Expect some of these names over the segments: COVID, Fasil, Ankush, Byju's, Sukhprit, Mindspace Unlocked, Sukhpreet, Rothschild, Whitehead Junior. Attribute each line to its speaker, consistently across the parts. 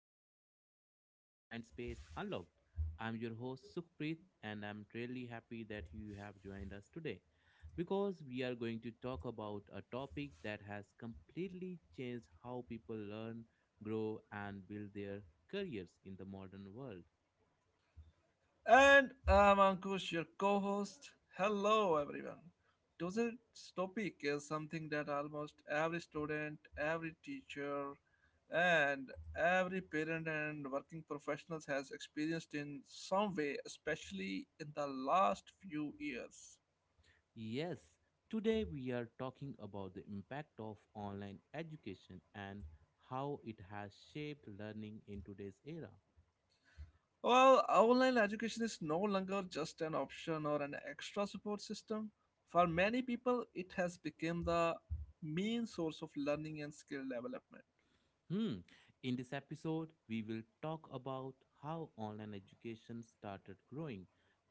Speaker 1: another episode of Mindspace Unlocked. I'm your host, Sukhpreet, and I'm really happy that you have joined us today because we are going to talk about a topic that has completely changed how people learn, grow, and build their careers in the modern world.
Speaker 2: And I'm Ankush, your co host. Hello, everyone. Today's topic is something that almost every student, every teacher, and every parent and working professionals has experienced in some way, especially in the last few years.
Speaker 1: Yes, today we are talking about the impact of online education and how it has shaped learning in today's era.
Speaker 2: Well, online education is no longer just an option or an extra support system. For many people, it has become the main source of learning and skill development.
Speaker 1: Hmm. In this episode, we will talk about how online education started growing,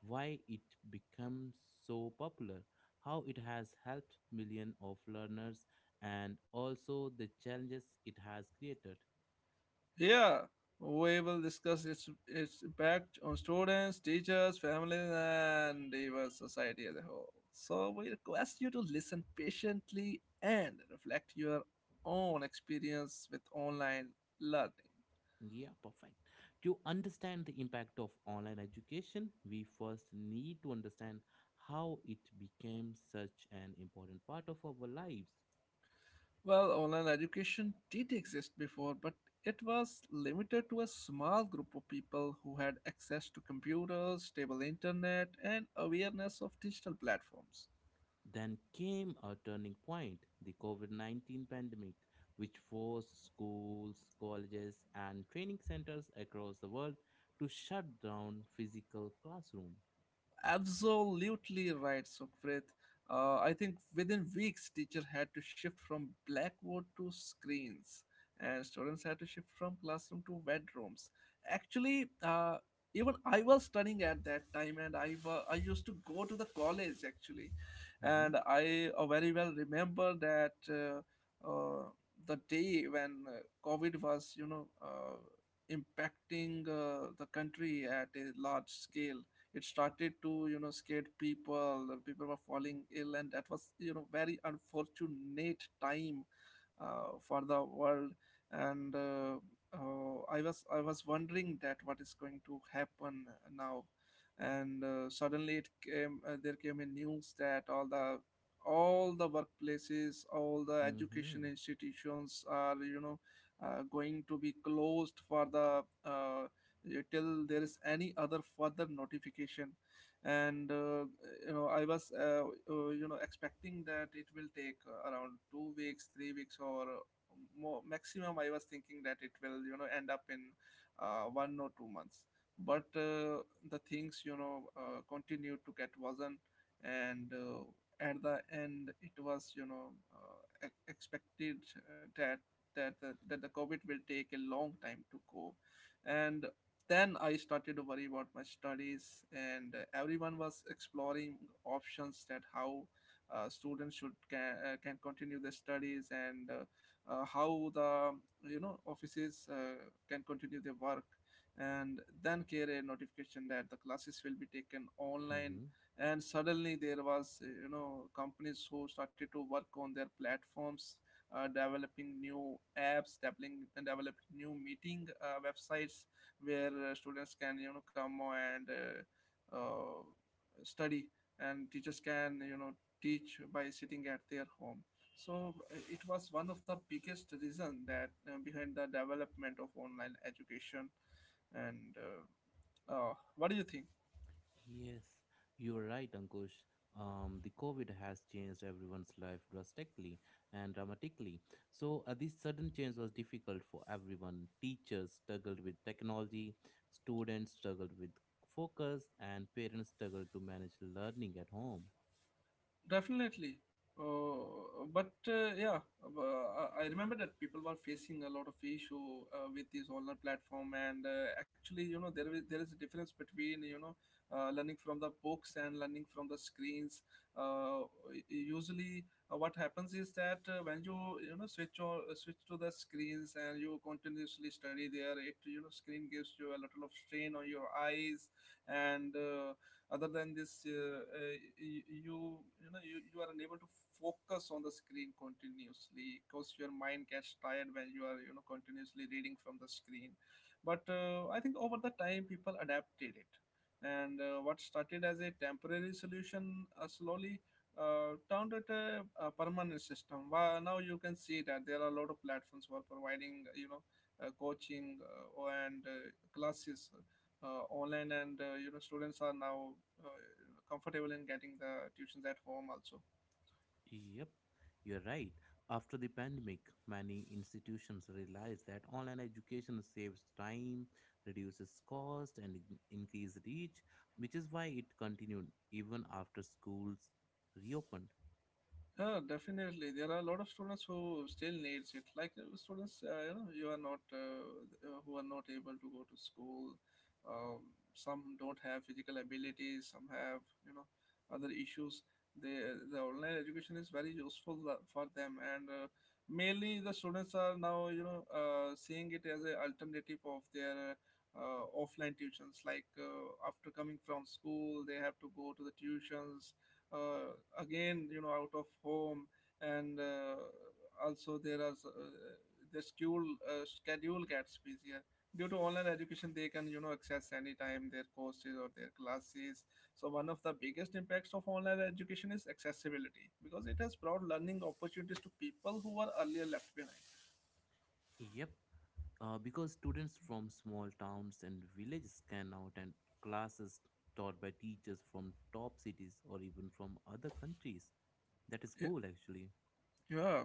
Speaker 1: why it became so popular, how it has helped millions of learners, and also the challenges it has created.
Speaker 2: Yeah, we will discuss its impact on students, teachers, families, and even society as a whole. So we request you to listen patiently and reflect your own experience with online learning.
Speaker 1: Yeah, perfect. To understand the impact of online education, we first need to understand how it became such an important part of our lives.
Speaker 2: Well, online education did exist before, but it was limited to a small group of people who had access to computers, stable internet, and awareness of digital platforms.
Speaker 1: Then came a turning point, the COVID 19 pandemic, which forced schools, colleges, and training centers across the world to shut down physical classroom.
Speaker 2: Absolutely right, Sukhprit. I think within weeks, teacher had to shift from blackboard to screens, and students had to shift from classroom to bedrooms. Actually, even I was studying at that time, and I used to go to the college actually, and
Speaker 1: hmm
Speaker 2: I, very well remember that, uh, the day when, COVID was, impacting, the country at a large scale. It started to, scare people. People were falling ill, and that was, very unfortunate time, for the world. And uh, uh, i was wondering that what is going to happen now. And Suddenly it came, there came a news that all the workplaces, all the education
Speaker 1: hmm
Speaker 2: institutions are, going to be closed for the, till there is any other further notification. And uh, you know i was, expecting that it will take, around 2 weeks, 3 weeks, or more. Maximum I was thinking that it will, end up in 1 or 2 months. But the things, continued to get worsen. And at the end it was, uh, expected that that the covid will take a long time to go. And then I started to worry about my studies, and everyone was exploring options that how, students can continue their studies, and, how the, offices, can continue their work. And then came a notification that the classes will be taken online,
Speaker 1: hmm
Speaker 2: and suddenly there was, companies who started to work on their platforms, developing new apps, developing new meeting, websites where, students can, come and, study, and teachers can, teach by sitting at their home. So it was one of the biggest reason that, behind the development of online education. And, what do you think?
Speaker 1: Yes, you're right, Ankush. The COVID has changed everyone's life drastically and dramatically. So, this sudden change was difficult for everyone. Teachers struggled with technology, students struggled with focus, and parents struggled to manage learning at home.
Speaker 2: Definitely. But yeah, I remember that people were facing a lot of issue, with this online platform, and actually, you know, there is a difference between, learning from the books and learning from the screens. Uh, Usually, what happens is that, when you know switch to the screens and you continuously study there, it, screen gives you a little of strain on your eyes and. Other than this, uh, you, you are unable to focus on the screen continuously because your mind gets tired when you are, continuously reading from the screen. But I think over the time people adapted it, and what started as a temporary solution, slowly turned it a permanent system. Now you can see that there are a lot of platforms who are providing, you know, coaching and classes, online. And, students are now, uh, comfortable in getting the tuitions at home also.
Speaker 1: Yep, you're right. After the pandemic, many institutions realized that online education saves time, reduces cost, and increase reach, which is why it continued even after schools reopened.
Speaker 2: Yeah, definitely. There are a lot of students who still needs it. Like, students, you know, you are not who are not able to go to school. Some don't have physical abilities. Some have, other issues. They the online education is very useful for them, and, mainly the students are now, seeing it as an alternative of their, offline tuitions. Like, after coming from school, they have to go to the tuitions, uh, again, out of home. And also there are the school, schedule gets busier. Due to online education, they can, access anytime their courses or their classes. So one of the biggest impacts of online education is accessibility, because it has brought learning opportunities to people who were earlier left behind.
Speaker 1: Yep, because students from small towns and villages can now attend classes taught by teachers from top cities or even from other countries. That is cool, actually.
Speaker 2: Yeah.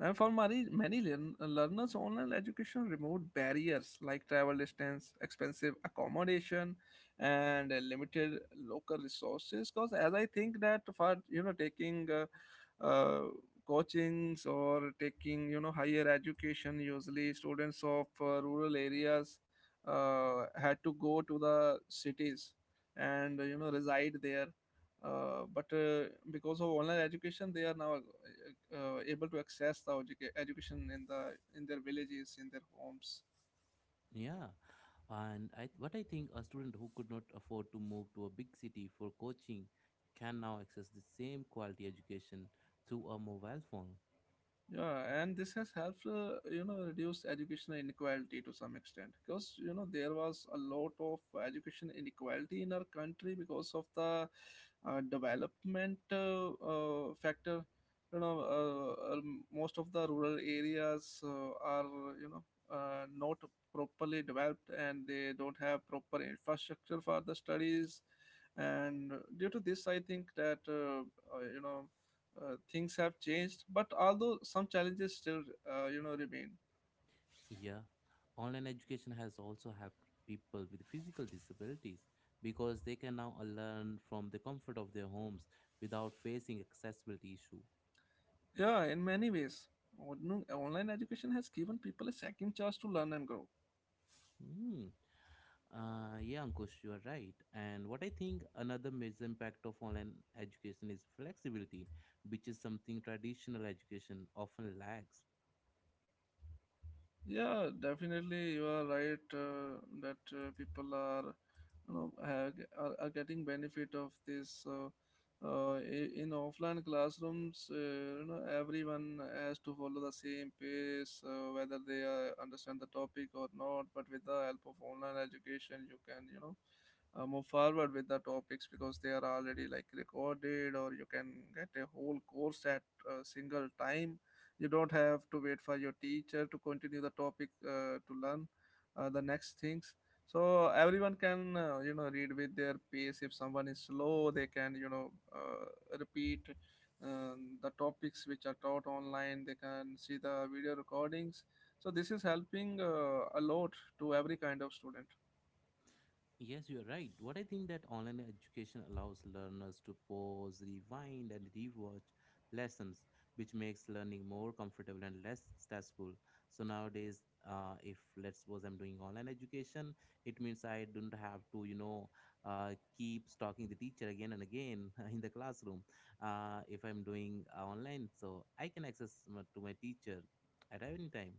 Speaker 2: And for many, learners, online education removed barriers like travel distance, expensive accommodation, and, limited local resources. Because as I think that for, taking, uh, coachings or taking, higher education, usually students of, rural areas, had to go to the cities and, reside there, but because of online education they are now, able to access the education in their villages, in their homes.
Speaker 1: Yeah, and I what I think a student who could not afford to move to a big city for coaching can now access the same quality education through a mobile phone.
Speaker 2: Yeah, and this has helped, you know, reduce educational inequality to some extent, because, you know, there was a lot of education inequality in our country because of the, development, factor. You know, most of the rural areas, are, you know, not properly developed, and they don't have proper infrastructure for the studies. And due to this, I think that, uh, you know, things have changed, but although some challenges still, you know, remain.
Speaker 1: Yeah, online education has also helped people with physical disabilities because they can now learn from the comfort of their homes without facing accessibility issue.
Speaker 2: Yeah, in many ways, online education has given people a second chance to learn and grow.
Speaker 1: Hmm. Yeah, Ankush, you are right. And what I think another major impact of online education is flexibility, which is something traditional education often lacks.
Speaker 2: Yeah, definitely, you are right, that, people are, you know, are getting benefit of this. In offline classrooms, you know, everyone has to follow the same pace, whether they, understand the topic or not. But with the help of online education, you can, you know, move forward with the topics because they are already like recorded, or you can get a whole course at a single time. You don't have to wait for your teacher to continue the topic, to learn, the next things. So everyone can, read with their pace. If someone is slow, they can, repeat, the topics which are taught online. They can see the video recordings. So this is helping, a lot, to every kind of student.
Speaker 1: Yes, you are right. What I think that online education allows learners to pause, rewind, and rewatch lessons, which makes learning more comfortable and less stressful. So nowadays, if let's suppose I'm doing online education, it means I don't have to, uh, keep stalking the teacher again and again in the classroom. If I'm doing online, so I can access to my teacher at any time.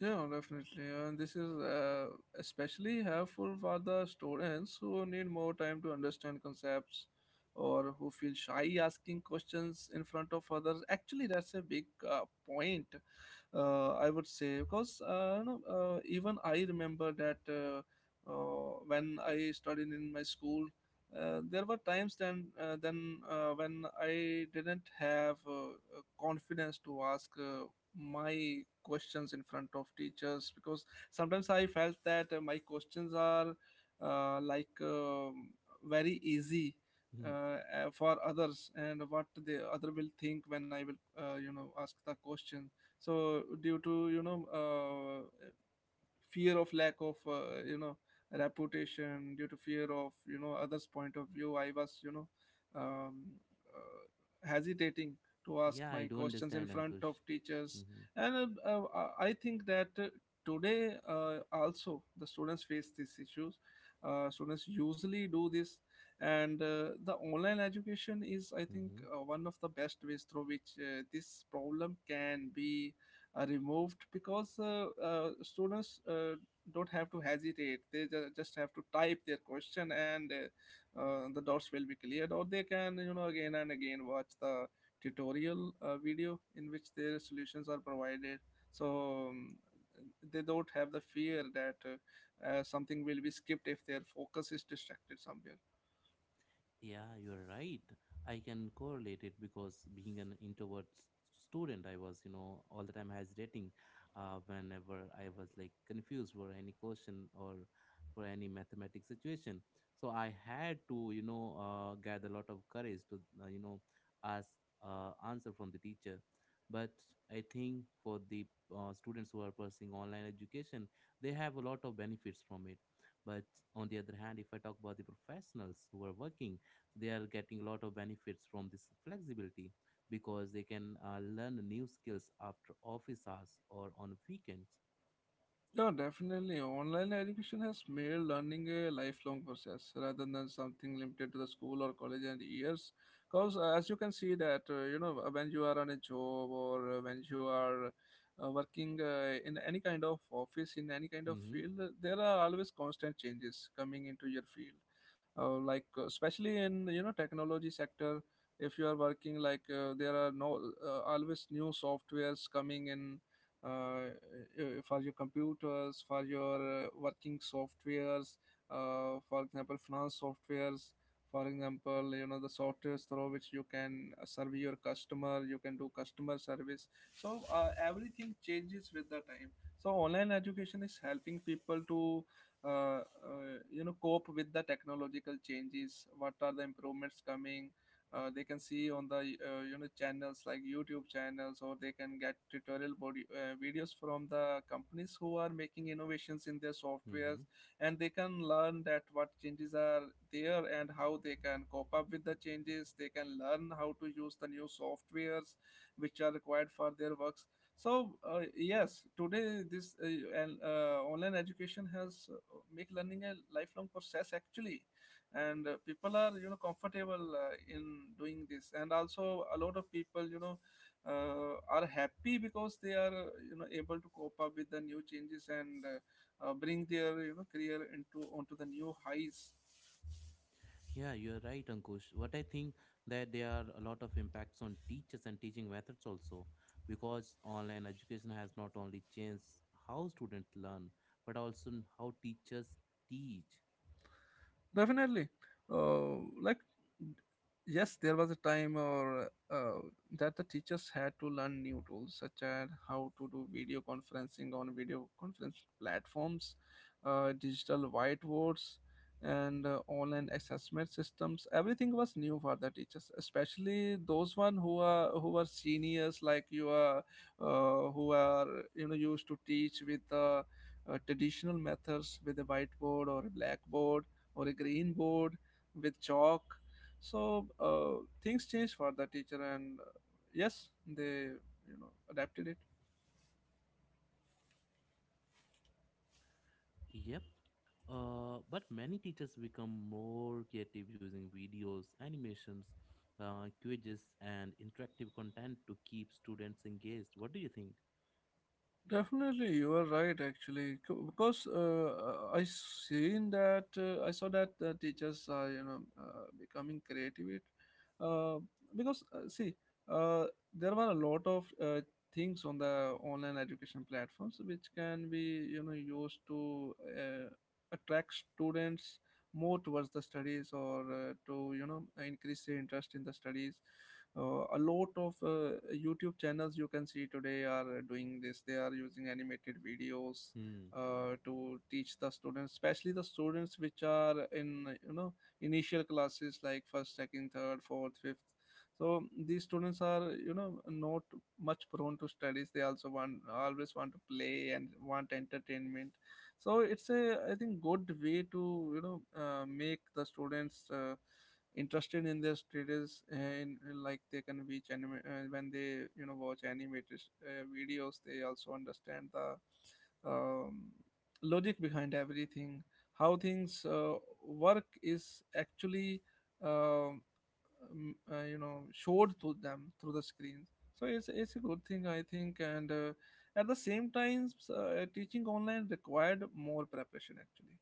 Speaker 2: Yeah, definitely. And this is, especially helpful for the students who need more time to understand concepts or who feel shy asking questions in front of others. Actually, that's a big, point, I would say, because, you know, even I remember that, when I studied in my school, there were times then when I didn't have, confidence to ask. My questions in front of teachers, because sometimes I felt that, my questions are, uh, like um, very easy, uh, uh, for others, and what the other will think when I will, you know, ask the question. So due to, uh, fear of lack of, you know, reputation, due to fear of, others point of view, I was, um, hesitating to ask
Speaker 1: Yeah, I
Speaker 2: my
Speaker 1: do
Speaker 2: questions in
Speaker 1: understand,
Speaker 2: front
Speaker 1: Ankush.
Speaker 2: of teachers.
Speaker 1: Mm-hmm.
Speaker 2: And, I think that, today, also the students face these issues. Students usually do this. And, the online education is, I think,
Speaker 1: Mm-hmm.
Speaker 2: one of the best ways through which, this problem can be, removed, because, students, don't have to hesitate. They, just have to type their question, and, the dots will be cleared, or they can, again and again watch the tutorial, video in which their solutions are provided. So, they don't have the fear that, something will be skipped if their focus is distracted somewhere.
Speaker 1: Yeah, you're right. I can correlate it because being an introvert student, I was, you know, all the time hesitating whenever I was like confused for any question or for any mathematic situation. So I had to, gather a lot of courage to, ask answer from the teacher. But I think for the students who are pursuing online education, they have a lot of benefits from it. But on the other hand, if I talk about the professionals who are working, they are getting a lot of benefits from this flexibility because they can learn new skills after office hours or on weekends.
Speaker 2: No, definitely. Online education has made learning a lifelong process rather than something limited to the school or college and years. Because as you can see that, you know, when you are on a job, or when you are, working, in any kind of office, in any kind of
Speaker 1: hmm
Speaker 2: field, there are always constant changes coming into your field. Especially in technology sector, if you are working there are no always new softwares coming in uh, for your computers, for your working softwares, for example, finance softwares, for example, the softwares through which you can serve your customer, you can do customer service. So everything changes with the time. So online education is helping people to, uh, uh, cope with the technological changes. What are the improvements coming? They can see on the channels like YouTube channels, or they can get tutorial body, videos from the companies who are making innovations in their softwares,
Speaker 1: hmm
Speaker 2: and they can learn that what changes are there and how they can cope up with the changes. They can learn how to use the new softwares which are required for their works. So yes today this and Online education has make learning a lifelong process, actually. And People are comfortable in doing this, and also a lot of people are happy because they are able to cope up with the new changes and bring their career into onto the new highs.
Speaker 1: yeah, you're right, Ankush. What I think that there are a lot of impacts on teachers and teaching methods also because online education has not only changed how students learn but also how teachers teach.
Speaker 2: Definitely. Uh, like, yes, there was a time or that the teachers had to learn new tools, such as how to do video conferencing on video conference platforms, digital whiteboards, and online assessment systems. Everything was new for the teachers, especially those one who are seniors, like you are, who are used to teach with the traditional methods, with a whiteboard or a blackboard or a green board with chalk. So things changed for the teacher, and yes, they adapted it.
Speaker 1: Yep. But many teachers become more creative using videos, animations, quizzes, and interactive content to keep students engaged. What do you think?
Speaker 2: Definitely, you are right. Actually, C- because I seen that I saw that the teachers are becoming creative. It uh, because See, uh, there were a lot of things on the online education platforms which can be used to attract students more towards the studies, or to increase their interest in the studies. A lot of YouTube channels you can see today are doing this. They are using animated videos
Speaker 1: Hmm.
Speaker 2: to teach the students, especially the students which are in initial classes, like first, second, third, fourth, fifth. So these students are not much prone to studies. They also want always want to play and want entertainment. So it's a, I think, good way to make the students interested in their status. And like they can watch anime when they watch animated videos, they also understand the um, logic behind everything, how things work is actually um, showed to them through the screens. So it's a good thing, I think. And at the same time, teaching online required more preparation, actually.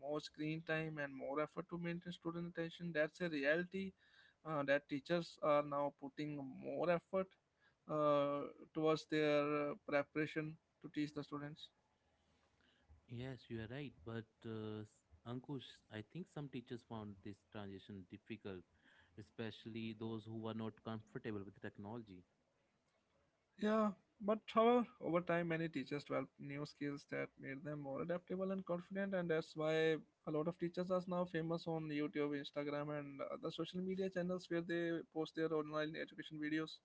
Speaker 2: More screen time and more effort to maintain student attention. That's a reality that teachers are now putting more effort uh, towards their preparation to teach the students.
Speaker 1: Yes, you are right. But Ankush, I think some teachers found this transition difficult, especially those who were not comfortable with the technology.
Speaker 2: Yeah, but however, over time, many teachers developed new skills that made them more adaptable and confident, and that's why a lot of teachers are now famous on YouTube, Instagram, and other social media channels where they post their online education videos.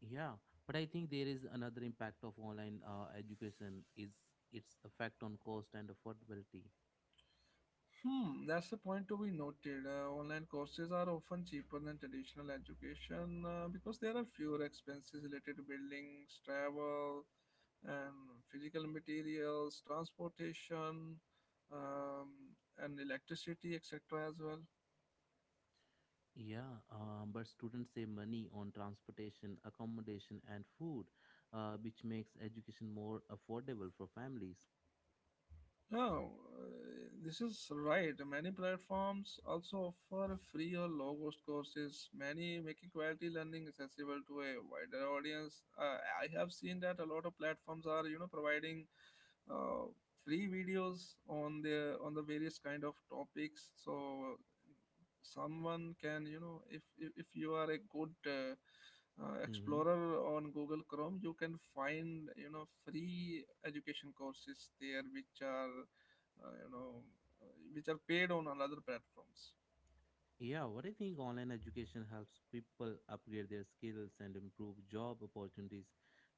Speaker 1: Yeah, but I think there is another impact of online education is its effect on cost and affordability.
Speaker 2: Hmm, that's a point to be noted. Online courses are often cheaper than traditional education because there are fewer expenses related to buildings, travel, and physical materials, transportation, um, and electricity, etc. as well.
Speaker 1: Yeah, but students save money on transportation, accommodation, and food, which makes education more affordable for families.
Speaker 2: Oh, this is right. Many platforms also offer free or low cost courses, many making quality learning accessible to a wider audience. I have seen that a lot of platforms are, providing uh, free videos on the various kind of topics. So someone can if if you are a good explorer on Google Chrome, you can find free education courses there which are uh, you know which are paid on other platforms.
Speaker 1: Yeah, what I think online education helps people upgrade their skills and improve job opportunities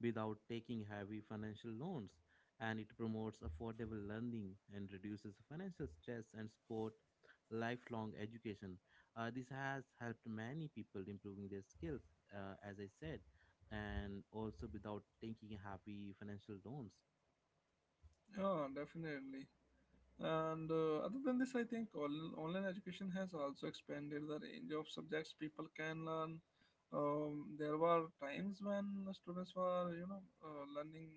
Speaker 1: without taking heavy financial loans. And it promotes affordable learning and reduces financial stress and support lifelong education. This has helped many people improving their skills, as I said, and also without taking heavy financial loans.
Speaker 2: Yeah, definitely. And other than this, I think online education has also expanded the range of subjects people can learn. There were times when students were, learning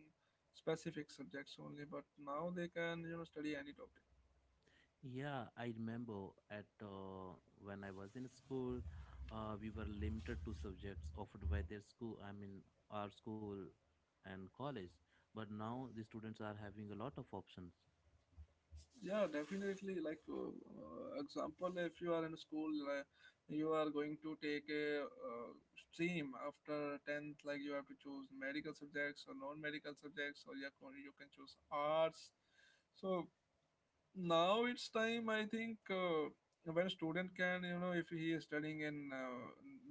Speaker 2: specific subjects only, but now they can, study any topic.
Speaker 1: Yeah, I remember at when I was in school, we were limited to subjects offered by their school. I mean, our school and college. But now the students are having a lot of options.
Speaker 2: Yeah, definitely. Like, example, if you are in school, you are going to take a stream after 10th, like you have to choose medical subjects or non medical subjects, or you can choose arts. So, now it's time, I think, when a student can, if he is studying in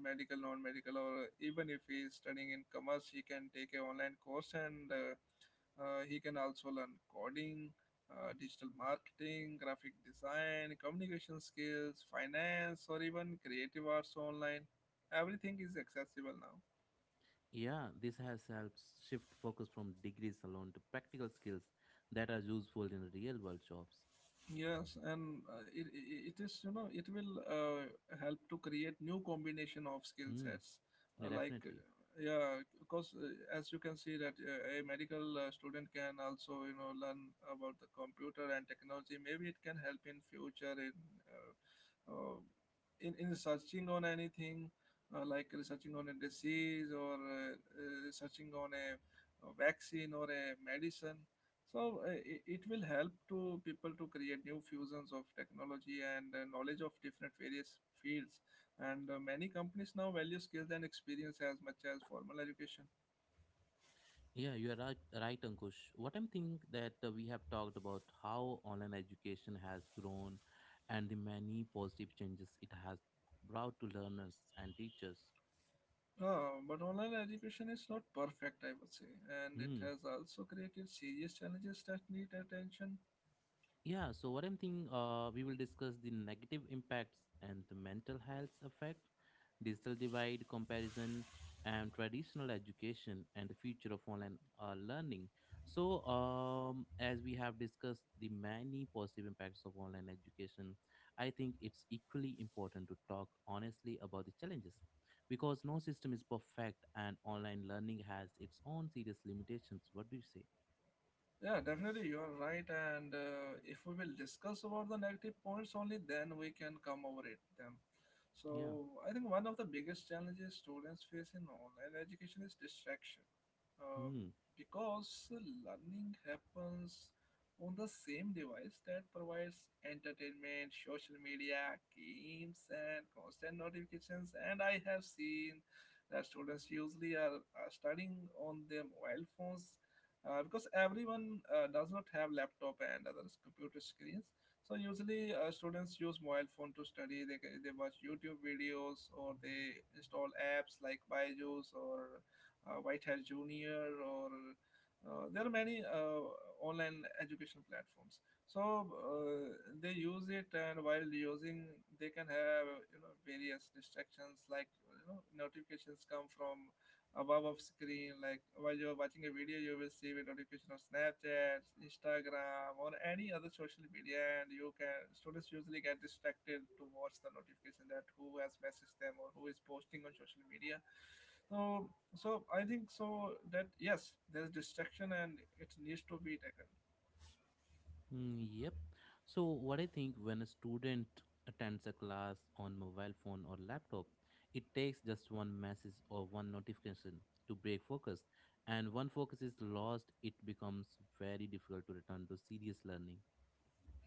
Speaker 2: medical, non-medical, or even if he is studying in commerce, he can take a online course, and he can also learn coding, digital marketing, graphic design, communication skills, finance, or even creative arts online. Everything is accessible now.
Speaker 1: Yeah, this has helped shift focus from degrees alone to practical skills that are useful in real world jobs.
Speaker 2: Yes, and it it is, it will help to create new combination of skill
Speaker 1: Hmm,
Speaker 2: sets.
Speaker 1: yeah,
Speaker 2: uh, like
Speaker 1: definitely.
Speaker 2: uh, yeah, because as you can see that a medical student can also learn about the computer and technology. Maybe it can help in future in uh, uh, in searching on anything, like researching on a disease, or researching on a vaccine or a medicine. So it will help to people to create new fusions of technology and knowledge of different various fields. And many companies now value skills and experience as much as formal education.
Speaker 1: Yeah, you are right, Ankush. What I'm thinking that we have talked about how online education has grown and the many positive changes it has brought to learners and teachers.
Speaker 2: But online education is not perfect, I would say, and it
Speaker 1: Hmm.
Speaker 2: has also created serious challenges that need attention.
Speaker 1: Yeah, so what I'm thinking, we will discuss the negative impacts and the mental health effect, digital divide, comparison, and traditional education, and the future of online learning. So, as we have discussed the many positive impacts of online education, I think it's equally important to talk honestly about the challenges because no system is perfect, and online learning has its own serious limitations. What do you say?
Speaker 2: Yeah, definitely, you are right. And if we will discuss about the negative points, only then we can come over it them.
Speaker 1: Yeah.
Speaker 2: So I think one of the biggest challenges students face in online education is distraction, uh,
Speaker 1: Hmm.
Speaker 2: because learning happens on the same device that provides entertainment, social media, games, and constant notifications. And I have seen that students usually are studying on their mobile phones, because everyone does not have laptop and other computer screens. So usually students use mobile phone to study. They watch YouTube videos, or they install apps like Byju's or Whitehead Junior, or there are many online education platforms. So they use it, and while using, they can have various distractions, like notifications come from above of screen. Like while you're watching a video, you will see a notification of Snapchat, Instagram, or any other social media, and you can students usually get distracted to watch the notification, that who has messaged them or who is posting on social media. I think, that yes, there's distraction, and it needs to be tackled.
Speaker 1: Yep. So, what I think when a student attends a class on mobile phone or laptop, it takes just one message or one notification to break focus. And one focus is lost, it becomes very difficult to return to serious learning.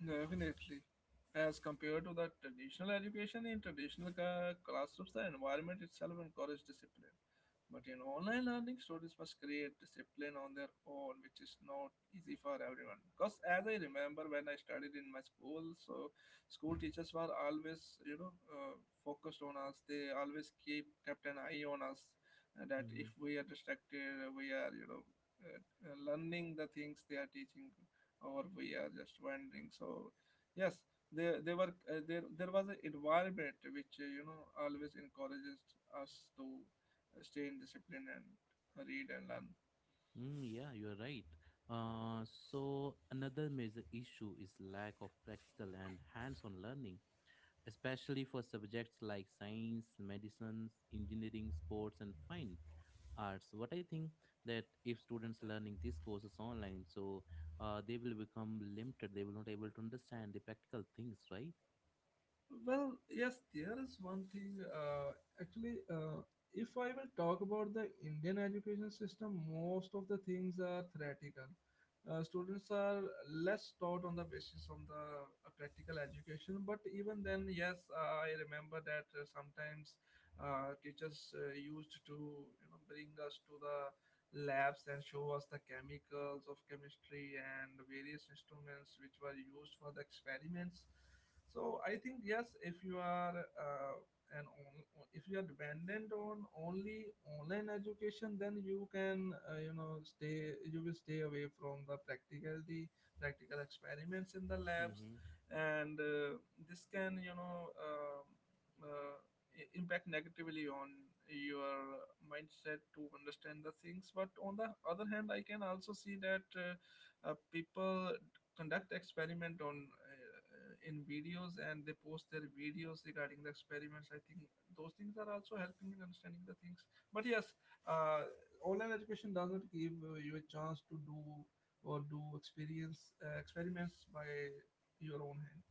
Speaker 2: Definitely. As compared to the traditional education, in traditional classrooms, the environment itself encourages discipline. But in online learning, students must create discipline on their own, which is not easy for everyone. Because as I remember when I studied in my school, so school teachers were always, focused on us. They always keep kept an eye on us, that if
Speaker 1: hmm
Speaker 2: we are distracted, we are, uh, learning the things they are teaching, or we are just wandering. So yes, there they were, there was an environment which, always encourages us to stay in discipline and read and learn.
Speaker 1: Mm, yeah, you are right. Uh, so, another major issue is lack of practical and hands on learning, especially for subjects like science, medicines, engineering, sports, and fine arts. What I think that if students learning these courses online, so they will become limited. They will not able to understand the practical things, right?
Speaker 2: Well, yes, there is one thing. Actually, uh, if I will talk about the Indian education system, most of the things are theoretical. Students are less taught on the basis of the practical education. But even then, yes, I remember that sometimes teachers used to bring us to the labs and show us the chemicals of chemistry and the various instruments which were used for the experiments. So I think yes, if you are an on, if you are dependent on only online education, then you can you know stay you will stay away from the practicality, practical experiments in the labs.
Speaker 1: Mm-hmm.
Speaker 2: And this can, uh, impact negatively on your mindset to understand the things. But on the other hand, I can also see that people conduct experiment on in videos, and they post their videos regarding the experiments. I think those things are also helping in understanding the things. But yes, uh, online education does not give you a chance to do or do experience experiments by your own hand.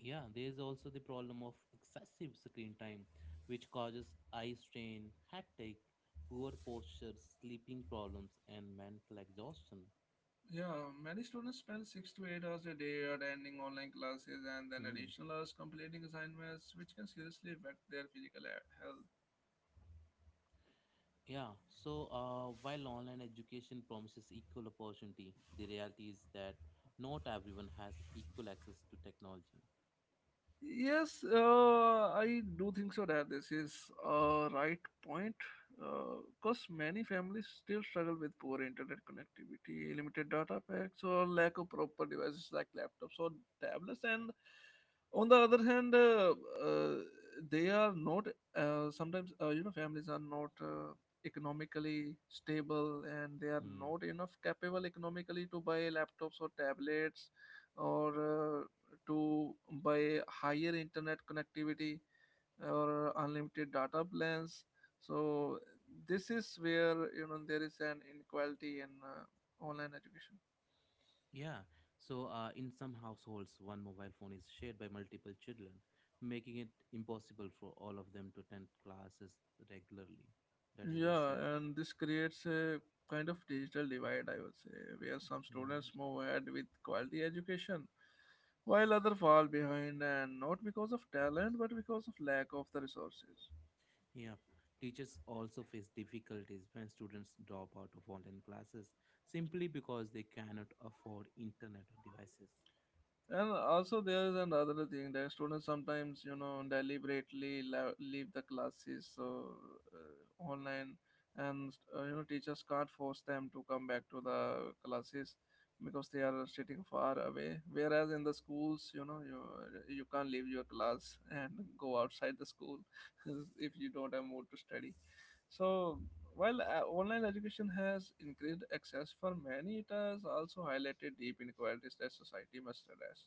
Speaker 1: Yeah, there is also the problem of excessive screen time, which causes eye strain, headache, poor posture, sleeping problems, and mental exhaustion.
Speaker 2: Yeah, many students spend 6 to 8 hours a day attending online classes, and then
Speaker 1: Hmm.
Speaker 2: additional hours completing assignments, which can seriously affect their physical health.
Speaker 1: Yeah, so while online education promises equal opportunity, the reality is that not everyone has equal access to technology.
Speaker 2: Yes, I do think so that this is a right point because many families still struggle with poor internet connectivity, limited data packs, or lack of proper devices like laptops or tablets. And on the other hand, uh, they are not sometimes, families are not economically stable and they are
Speaker 1: Hmm.
Speaker 2: not enough capable economically to buy laptops or tablets or to buy higher internet connectivity or unlimited data plans, so this is where you know there is an inequality in online education.
Speaker 1: Yeah, so in some households, one mobile phone is shared by multiple children, making it impossible for all of them to attend classes regularly. That is very
Speaker 2: Yeah,
Speaker 1: sad.
Speaker 2: and this creates a kind of digital divide, I would say, where some
Speaker 1: Hmm.
Speaker 2: students move ahead with quality education while others fall behind, and not because of talent but because of lack of the resources.
Speaker 1: Yeah, teachers also face difficulties when students drop out of online classes simply because they cannot afford internet or devices.
Speaker 2: And also, there is another thing that students sometimes, you know, deliberately leave the classes, so online, and you know, teachers can't force them to come back to the classes because they are sitting far away. Whereas in the schools, you know, you can't leave your class and go outside the school if you don't have mood to study. So while online education has increased access for many, it has also highlighted deep inequalities that society must address.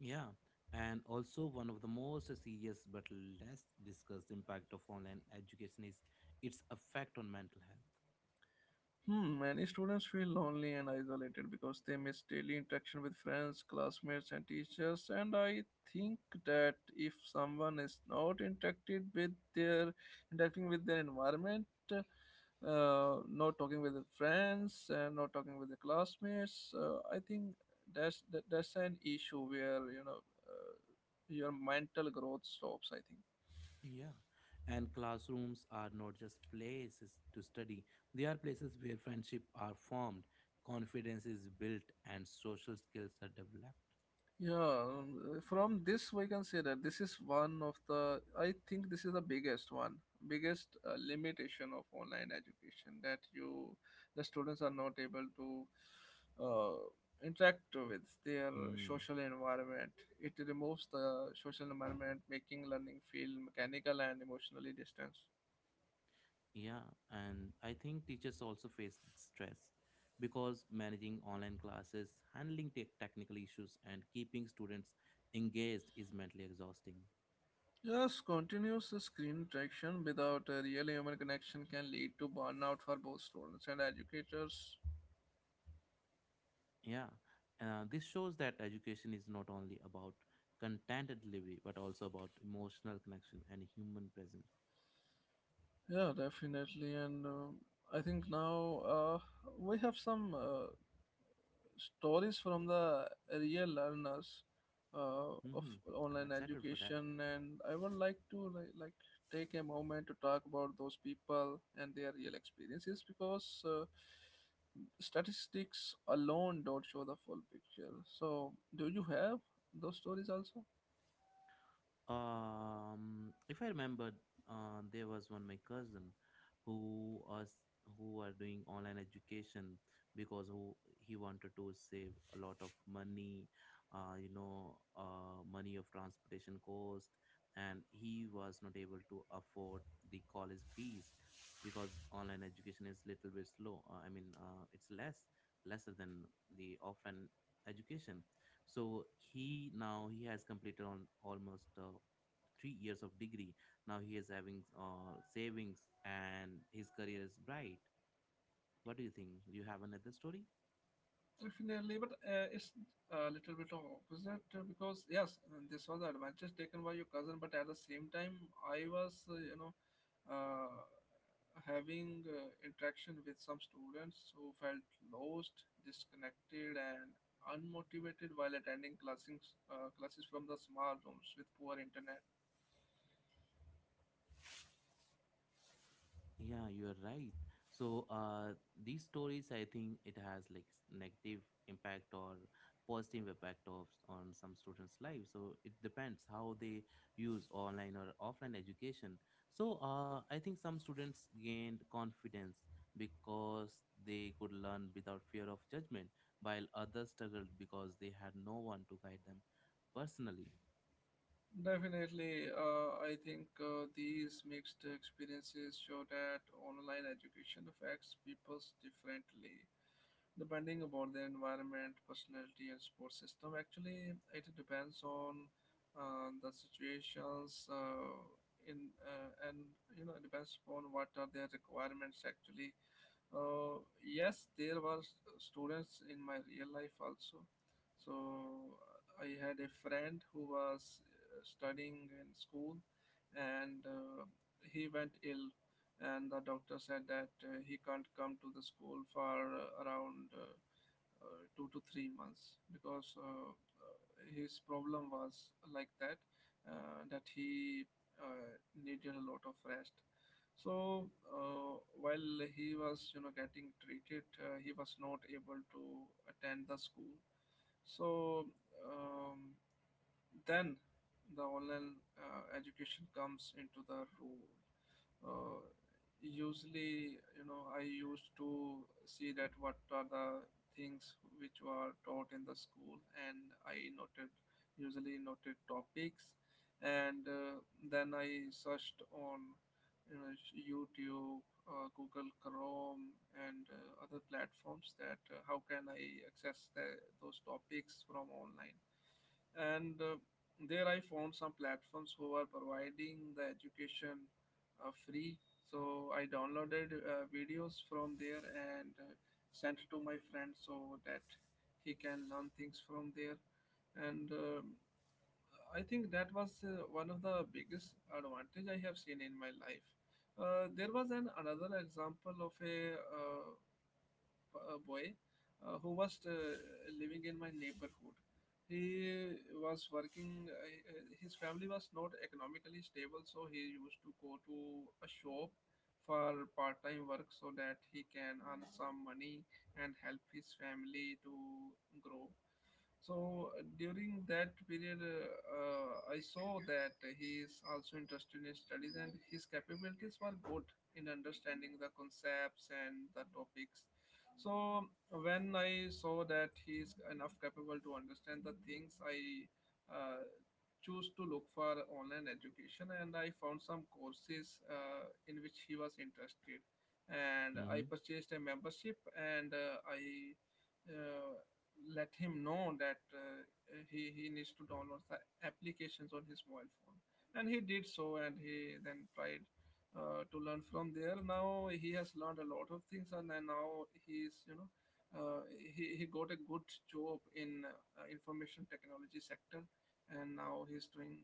Speaker 1: Yeah, and also one of the most serious but less discussed impact of online education is its effect on mental health.
Speaker 2: Hmm, many students feel lonely and isolated because they miss daily interaction with friends, classmates, and teachers. And I think that if someone is not interacted with their interacting with their environment, not talking with their friends, and not talking with their classmates, I think that's an issue where you know uh, your mental growth stops, I think.
Speaker 1: Yeah, and classrooms are not just places to study, they are places where friendship are formed, confidence is built, and social skills are developed.
Speaker 2: Yeah, from this we can say that this is one of the, I think this is the biggest one, biggest limitation of online education, that you, the students are not able to interact with their
Speaker 1: Hmm.
Speaker 2: social environment. It removes the social environment, making learning feel mechanical and emotionally distant.
Speaker 1: Yeah, and I think teachers also face stress because managing online classes, handling technical issues, and keeping students engaged is mentally exhausting.
Speaker 2: Yes, continuous screen interaction without a real human connection can lead to burnout for both students and educators.
Speaker 1: Yeah, this shows that education is not only about content delivery but also about emotional connection and human presence.
Speaker 2: Yeah, definitely. And I think now we have some stories from the real learners of
Speaker 1: hmm I'm
Speaker 2: online
Speaker 1: excited for that.
Speaker 2: education, and I would like to take a moment to talk about those people and their real experiences, because statistics alone don't show the full picture. So, do you have those stories also?
Speaker 1: If I remember, there was one my cousin who was who were doing online education because who he wanted to save a lot of money, money of transportation cost, and he was not able to afford the college fees because online education is little bit slow. I mean, it's lesser than the offline education. So he now he has completed on almost 3 years of degree. Now he is having savings and his career is bright. What do you think? You have another story?
Speaker 2: Definitely, but it's a little bit of opposite, because yes, this was the advantage taken by your cousin, but at the same time, I was uh, having interaction with some students who felt lost, disconnected, and unmotivated while attending classes from the small rooms with poor internet.
Speaker 1: Yeah, you are right. So these stories I think it has like negative impact or positive impact of on some students life, so it depends how they use online or offline education. So I think some students gained confidence because they could learn without fear of judgment, while others struggled because they had no one to guide them personally.
Speaker 2: Definitely, I think these mixed experiences show that online education affects people differently depending about their environment, personality, and support system. Actually, it depends on the situations in and you know it depends upon what are their requirements, actually. Yes, there were students in my real life also. So I had a friend who was studying in school, and he went ill, and the doctor said that he can't come to the school for around 2 to 3 months, because his problem was like that, that he needed a lot of rest. So while he was you know getting treated, he was not able to attend the school. So um, then the online education comes into the role. Uh, Usually, you know, I used to see that what are the things which were taught in the school, and I noted, usually noted topics, and then I searched on you know YouTube, Google Chrome, and other platforms, that how can I access the, those topics from online. And there I found some platforms who are providing the education free, so I downloaded videos from there and sent to my friend so that he can learn things from there. And I think that was one of the biggest advantage I have seen in my life. There was an another example of a boy who was living in my neighborhood. He was working, his family was not economically stable, so he used to go to a shop for part time work so that he can earn some money and help his family to grow. So during that period, I saw that he is also interested in studies and his capabilities were good in understanding the concepts and the topics. So when I saw that he is enough capable to understand the things, I uh, choose to look for online education, and I found some courses in which he was interested, and
Speaker 1: Mm-hmm.
Speaker 2: I purchased a membership, and I. Uh, Let him know that he needs to download the applications on his mobile phone, and he did so, and he then tried to learn from there. Now he has learned a lot of things, and then now he's you know uh, he got a good job in information technology sector, and now he's doing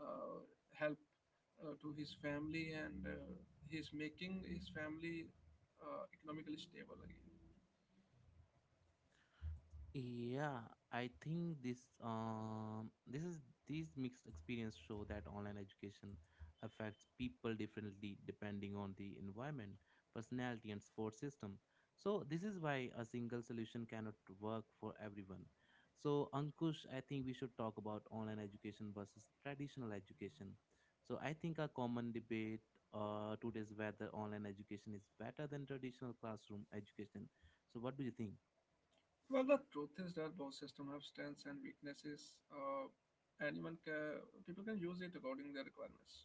Speaker 2: uh, help to his family, and he's making his family economically stable again.
Speaker 1: Yeah, I think this this is these mixed experience show that online education affects people differently depending on the environment, personality and support system. So this is why a single solution cannot work for everyone. So Ankush, I think we should talk about online education versus traditional education. So I think a common debate today is whether online education is better than traditional classroom education. So what do you think?
Speaker 2: Well, the truth is that both systems have strengths and weaknesses. Anyone can people can use it according to their requirements.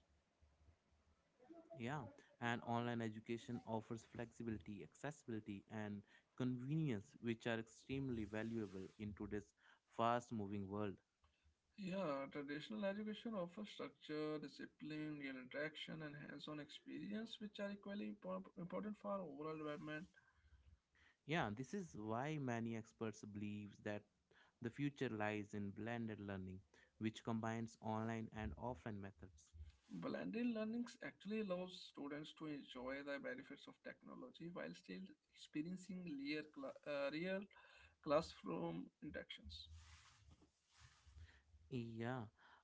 Speaker 1: Yeah, and online education offers flexibility, accessibility, and convenience, which are extremely valuable in today's fast moving world.
Speaker 2: Yeah, traditional education offers structure, discipline, real interaction, and hands on experience, which are equally important for overall development.
Speaker 1: Yeah, this is why many experts believe that the future lies in blended learning, which combines online and offline methods.
Speaker 2: Blended learning actually allows students to enjoy the benefits of technology while still experiencing real classroom interactions.
Speaker 1: Yeah,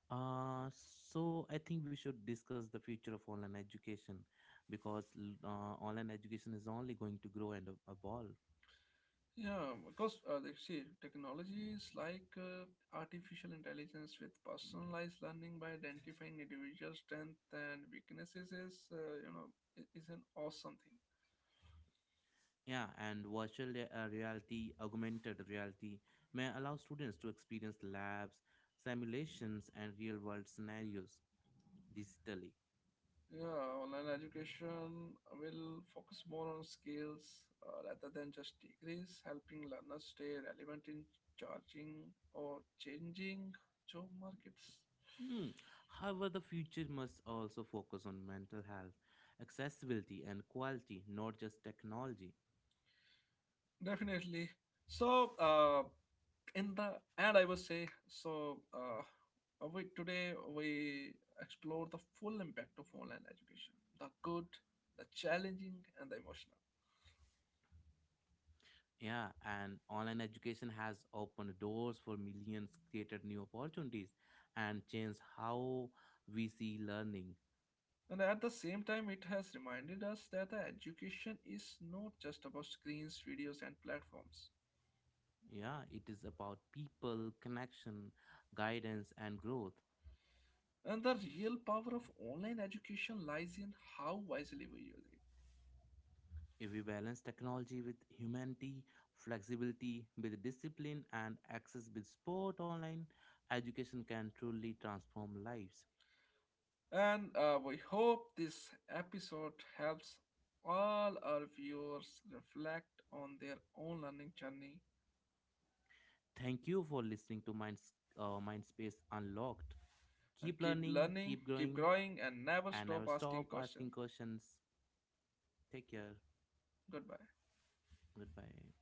Speaker 1: uh, so I think we should discuss the future of online education because online education is only going to grow and evolve.
Speaker 2: Yeah, because like, see, technology is like artificial intelligence with personalized learning by identifying individual strengths and weaknesses is you know is an awesome thing.
Speaker 1: Yeah, and reality, augmented reality may allow students to experience labs, simulations, and real world scenarios digitally.
Speaker 2: Yeah, online education will focus more on skills rather than just degrees, helping learners stay relevant in charging or changing job markets.
Speaker 1: Hmm. However, the future must also focus on mental health, accessibility, and quality, not just technology.
Speaker 2: Definitely. So, in the end I would say, so we today we explore the full impact of online education, the good, the challenging, and the emotional.
Speaker 1: Yeah, and online education has opened doors for millions, created new opportunities, and changed how we see learning.
Speaker 2: And at the same time it has reminded us that the education is not just about screens, videos, and platforms,
Speaker 1: Yeah, it is about people, connection, guidance, and growth.
Speaker 2: and the real power of online education lies in how wisely we use
Speaker 1: If we balance technology with humanity, flexibility with discipline, and access with sport, online education can truly transform lives.
Speaker 2: it. And we hope this episode helps all our viewers reflect on their own learning journey.
Speaker 1: Thank you for listening to Mindspace Unlocked.
Speaker 2: And
Speaker 1: Keep
Speaker 2: keep
Speaker 1: learning,
Speaker 2: learning,
Speaker 1: keep
Speaker 2: keep
Speaker 1: growing,
Speaker 2: growing, and never
Speaker 1: and never
Speaker 2: stop
Speaker 1: stop
Speaker 2: asking
Speaker 1: asking
Speaker 2: questions.
Speaker 1: questions. Take care.
Speaker 2: Goodbye.
Speaker 1: Goodbye.